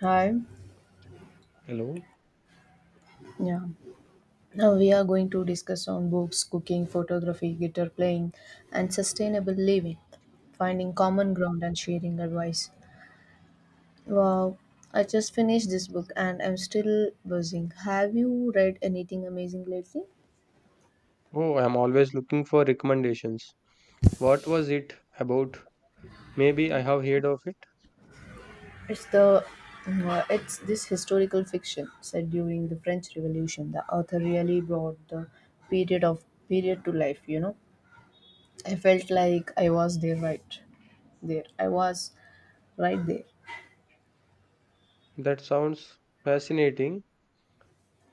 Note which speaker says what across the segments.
Speaker 1: Hi.
Speaker 2: Hello.
Speaker 1: Yeah. Now we are going to discuss on books, cooking, photography, guitar playing, and sustainable living, finding common ground and sharing advice. Wow, I just finished this book and I'm still buzzing. Have you read anything amazing lately?
Speaker 2: Oh, I'm always looking for recommendations. What was it about? Maybe I have heard of it.
Speaker 1: It's the it's this historical fiction set during the French Revolution. The author really brought the period of period to life, you know. I felt like I was there right there. I was right there.
Speaker 2: That sounds fascinating.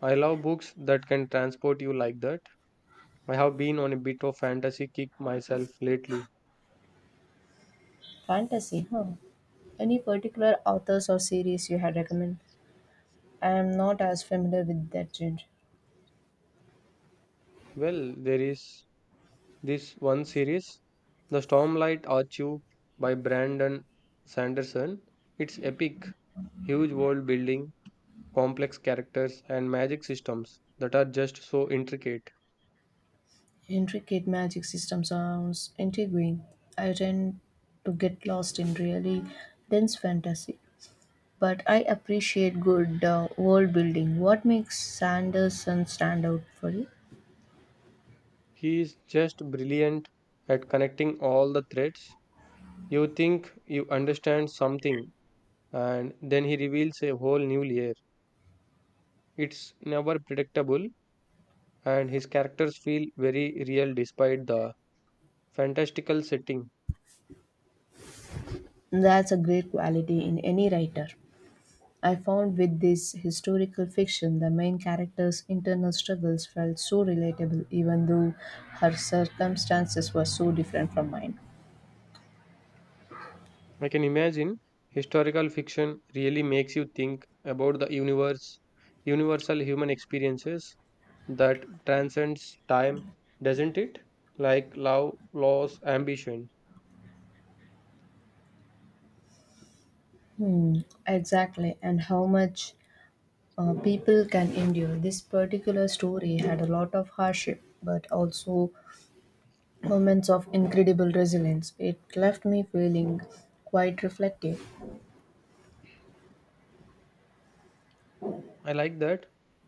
Speaker 2: I love books that can transport you like that. I have been on a bit of fantasy kick myself lately.
Speaker 1: Fantasy, huh? Any particular authors or series you had recommend? I am not as familiar with that genre.
Speaker 2: Well, there is this one series, The Stormlight Archive by Brandon Sanderson. It's epic, huge world building, complex characters, and magic systems that are just so intricate.
Speaker 1: Intricate magic system sounds intriguing. I tend to get lost in really dense fantasy, but I appreciate good world building. What makes Sanderson stand out for you?
Speaker 2: He is just brilliant at connecting all the threads. You think you understand something, and then he reveals a whole new layer. It's never predictable, and his characters feel very real despite the fantastical setting.
Speaker 1: That's a great quality in any writer. I found with this historical fiction, the main character's internal struggles felt so relatable, even though her circumstances were so different from mine.
Speaker 2: I can imagine historical fiction really makes you think about the universe, universal human experiences that transcends time, doesn't it? Like love, loss, ambition.
Speaker 1: Exactly, and how much people can endure. This particular story had a lot of hardship, but also moments of incredible resilience. It left me feeling quite reflective.
Speaker 2: I like that.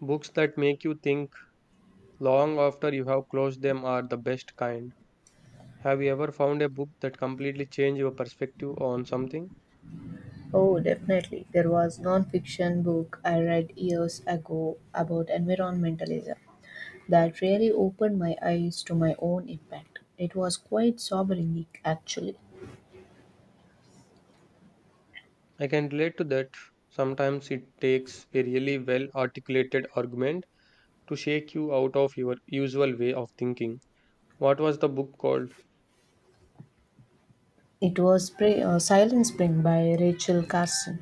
Speaker 2: Books that make you think long after you have closed them are the best kind. Have you ever found a book that completely changed your perspective on something?
Speaker 1: Oh, definitely. There was non-fiction book I read years ago about environmentalism. That really opened my eyes to my own impact. It was quite sobering, actually.
Speaker 2: I can relate to that. Sometimes it takes a really well articulated argument to shake you out of your usual way of thinking. What was the book called?
Speaker 1: It was Spring, Silent Spring by Rachel Carson.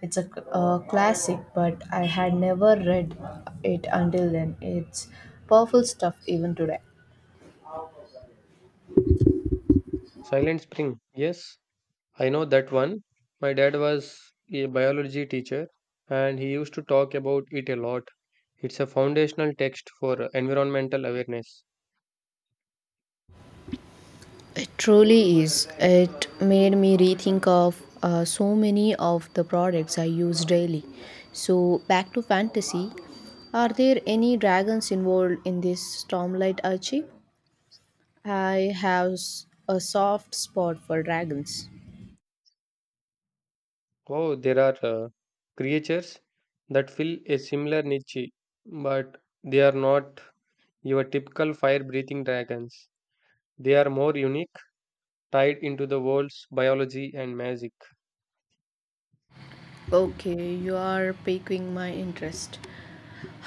Speaker 1: It's a classic, but I had never read it until then. It's powerful stuff even today.
Speaker 2: Silent Spring. Yes, I know that one. My dad was a biology teacher and he used to talk about it a lot. It's a foundational text for environmental awareness.
Speaker 1: It truly is. It made me rethink of so many of the products I use daily. So, back to fantasy. Are there any dragons involved in this Stormlight Archie? A soft spot for dragons.
Speaker 2: Oh, there are creatures that fill a similar niche, but they are not your typical fire breathing dragons. They are more unique, tied into the world's biology and magic.
Speaker 1: Okay, you are piquing my interest.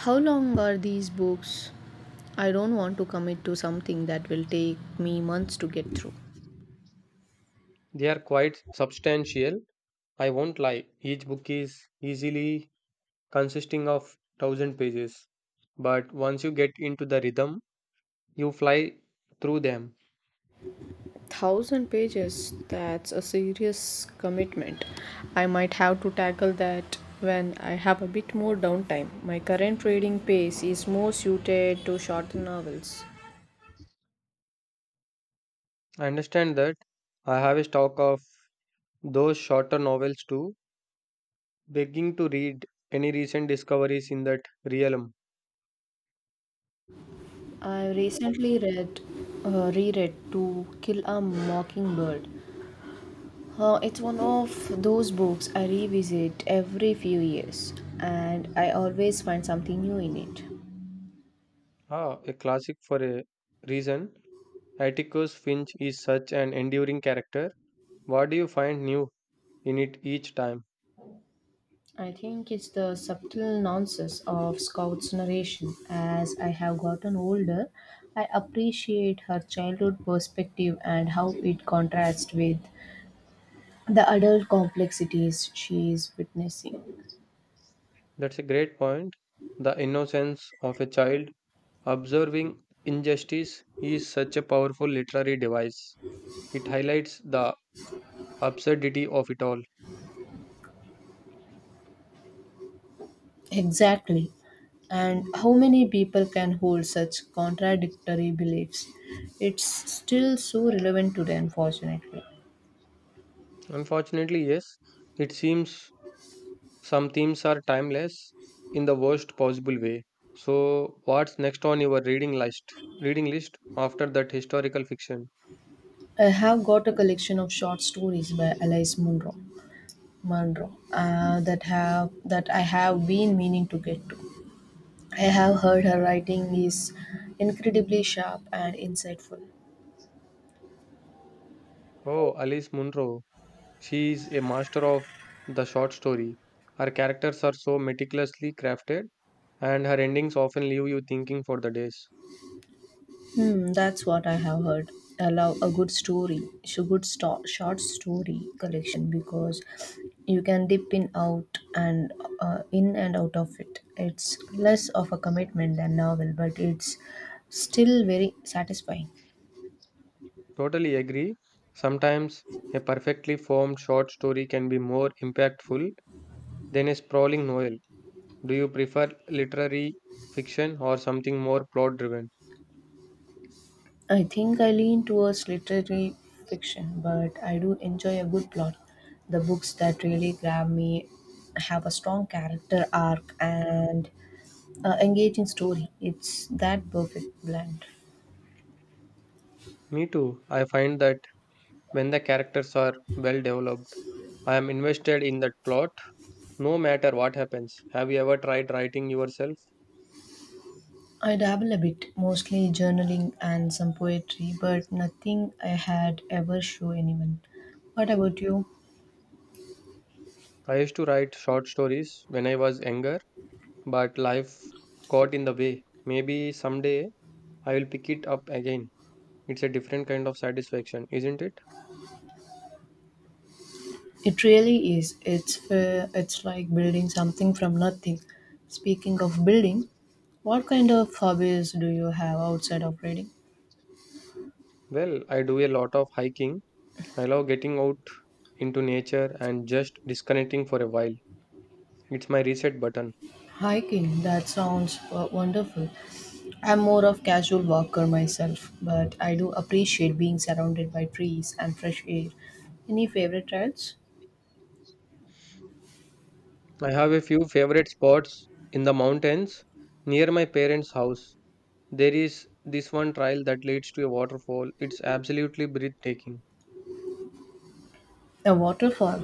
Speaker 1: How long are these books? I don't want to commit to something that will take me months to get through.
Speaker 2: They are quite substantial, I won't lie. Each book is easily consisting of 1,000 pages, but once you get into the rhythm, you fly through them.
Speaker 1: Thousand pages, that's a serious commitment. I might have to tackle that when I have a bit more downtime. My current reading pace is more suited to shorter novels.
Speaker 2: I understand that I have a stock of those shorter novels too, begging to read any recent discoveries in that realm.
Speaker 1: I recently read, reread To Kill a Mockingbird. It's one of those books I revisit every few years, and I always find something new in it.
Speaker 2: Ah, a classic for a reason. Atticus Finch is such an enduring character. What do you find new in it each time?
Speaker 1: I think it's the subtle nuances of Scout's narration. As I have gotten older, I appreciate her childhood perspective and how it contrasts with the adult complexities she is witnessing.
Speaker 2: That's a great point. The innocence of a child observing injustice is such a powerful literary device. It highlights the absurdity of it all.
Speaker 1: Exactly. And how many people can hold such contradictory beliefs? It's still so relevant today, unfortunately.
Speaker 2: Unfortunately, yes, it seems some themes are timeless in the worst possible way. So, what's next on your reading list? After that historical fiction.
Speaker 1: I have got a collection of short stories by Alice Munro, that have that I have been meaning to get to. I have heard her writing is incredibly sharp and insightful.
Speaker 2: Oh, Alice Munro. She is a master of the short story. Her characters are so meticulously crafted, and her endings often leave you thinking for the days.
Speaker 1: Hmm, that's what I have heard. I love a good story, so short story collection because you can dip in out and in and out of it. It's less of a commitment than novel, but it's still very satisfying.
Speaker 2: Totally agree. Sometimes a perfectly formed short story can be more impactful than a sprawling novel. Do you prefer literary fiction or something more plot driven?
Speaker 1: I think I lean towards literary fiction, but I do enjoy a good plot. The books that really grab me have a strong character arc and engaging story. It's that perfect blend.
Speaker 2: Me too. I find that when the characters are well developed, I am invested in that plot no matter what happens. Have you ever tried writing yourself?
Speaker 1: I dabble a bit, mostly journaling and some poetry, but nothing I had ever show anyone. What about you?
Speaker 2: I used to write short stories when I was younger, but life got in the way. Maybe someday I will pick it up again. It's a different kind of satisfaction, isn't it?
Speaker 1: It really is. It's fair. It's like building something from nothing. Speaking of building, what kind of hobbies do you have outside of reading?
Speaker 2: Well, I do a lot of hiking. I love getting out into nature and just disconnecting for a while. It's my reset button.
Speaker 1: Hiking, that sounds wonderful. I'm more of casual walker myself, but I do appreciate being surrounded by trees and fresh air. Any favorite trails?
Speaker 2: I have a few favorite spots in the mountains near my parents' house. There is this one trail that leads to a waterfall. It's absolutely breathtaking.
Speaker 1: A waterfall.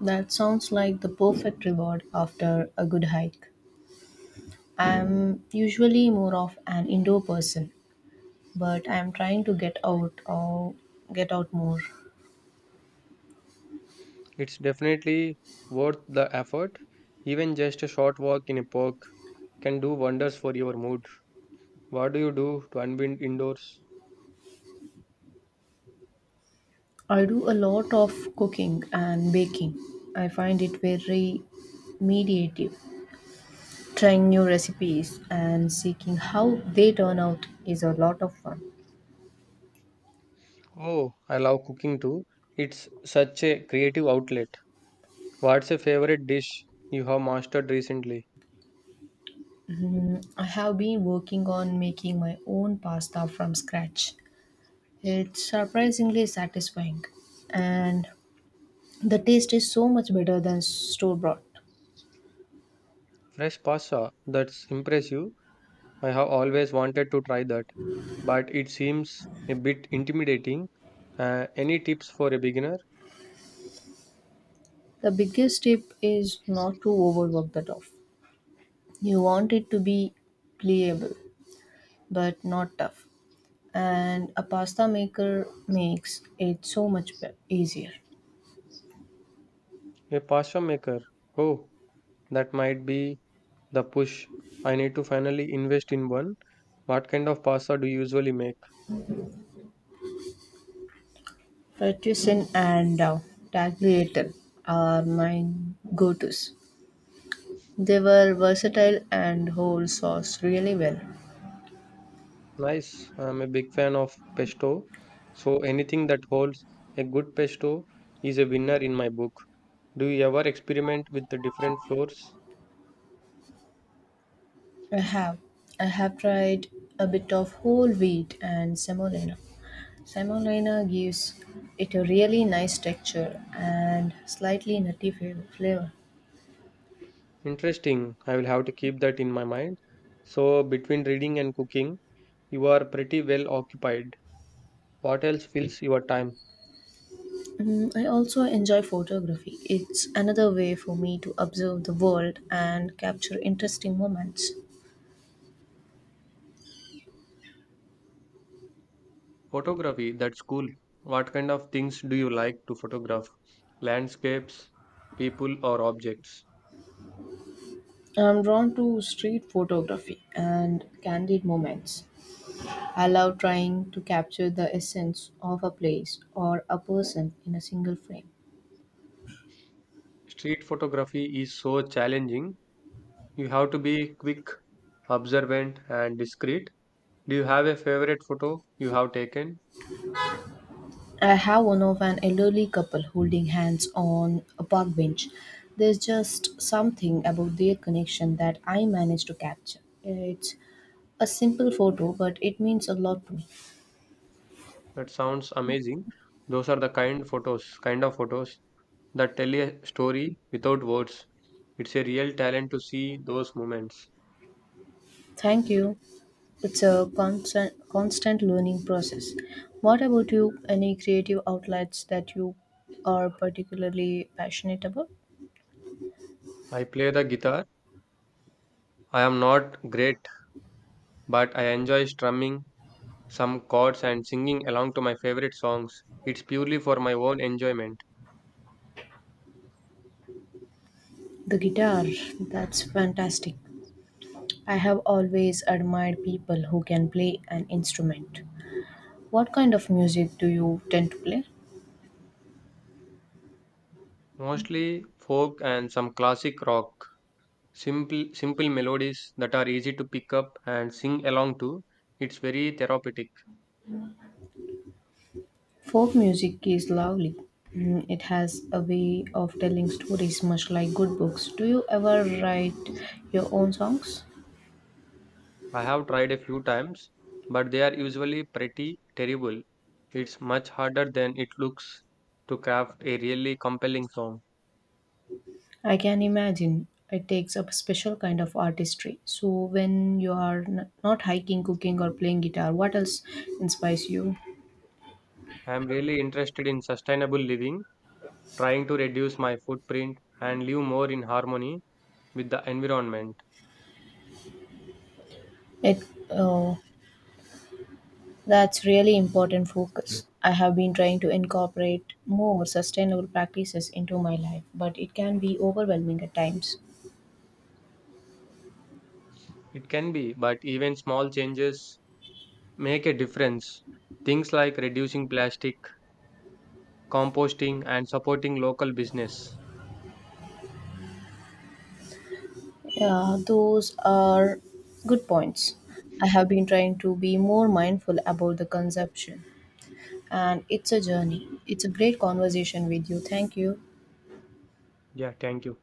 Speaker 1: That sounds like the perfect reward after a good hike. I'm usually more of an indoor person, but I'm trying to get out more.
Speaker 2: It's definitely worth the effort. Even just a short walk in a park can do wonders for your mood. What do you do to unwind indoors?
Speaker 1: I do a lot of cooking and baking. I find it very mediative. Trying new recipes and seeing how they turn out is a lot of fun.
Speaker 2: Oh, I love cooking too. It's such a creative outlet. What's a favorite dish you have mastered recently?
Speaker 1: I have been working on making my own pasta from scratch. It's surprisingly satisfying and the taste is so much better than store bought.
Speaker 2: Fresh pasta. That's impressive. I have always wanted to try that, but it seems a bit intimidating. Any tips for a beginner?
Speaker 1: The biggest tip is not to overwork the dough. You want it to be pliable but not tough. And a pasta maker makes it so much easier.
Speaker 2: A pasta maker. Oh, that might be the push. I need to finally invest in one. What kind of pasta do you usually make?
Speaker 1: Fettuccine and tagliatelle are my go-tos. They were versatile and hold sauce really well.
Speaker 2: Nice. I'm a big fan of pesto. So anything that holds a good pesto is a winner in my book. Do you ever experiment with the different flours?
Speaker 1: I have. I have tried a bit of whole wheat and semolina. Semolina gives it a really nice texture and slightly nutty flavor.
Speaker 2: Interesting. I will have to keep that in my mind. So between reading and cooking, you are pretty well occupied. What else fills your time?
Speaker 1: Mm, I also enjoy photography. It's another way for me to observe the world and capture interesting moments.
Speaker 2: Photography, that's cool. What kind of things do you like to photograph? Landscapes, people, or objects?
Speaker 1: I'm drawn to street photography and candid moments. I love trying to capture the essence of a place or a person in a single frame.
Speaker 2: Street photography is so challenging. You have to be quick, observant, and discreet. Do you have a favorite photo you have taken?
Speaker 1: I have one of an elderly couple holding hands on a park bench. There's just something about their connection that I managed to capture. It's a simple photo, but it means a lot to me.
Speaker 2: That sounds amazing. Those are the kind of photos that tell a story without words. It's a real talent to see those moments.
Speaker 1: Thank you. It's a constant learning process. What about you? Any creative outlets that you are particularly passionate about?
Speaker 2: I play the guitar. I am not great but I enjoy strumming some chords and singing along to my favorite songs. It's purely for my own enjoyment,
Speaker 1: The guitar, that's fantastic. I have always admired people who can play an instrument. What kind of music do you tend to play?
Speaker 2: mostly folk and some classic rock. Simple melodies that are easy to pick up and sing along to. It's very therapeutic.
Speaker 1: Folk music is lovely. Mm, it has a way of telling stories, much like good books. Do you ever write your own songs?
Speaker 2: I have tried a few times, but they are usually pretty terrible. It's much harder than it looks to craft a really compelling song.
Speaker 1: I can imagine it takes a special kind of artistry. So, when you are not hiking, cooking, or playing guitar, what else inspires you?
Speaker 2: I am really interested in sustainable living, trying to reduce my footprint and live more in harmony with the environment.
Speaker 1: It oh, that's really important focus. I have been trying to incorporate more sustainable practices into my life, but it can be overwhelming at times.
Speaker 2: It can be, but even small changes make a difference. Things like reducing plastic, composting, and supporting local business.
Speaker 1: Yeah, those are good points. I have been trying to be more mindful about the consumption, and it's a journey. It's a great conversation with you. Thank you.
Speaker 2: Yeah, thank you.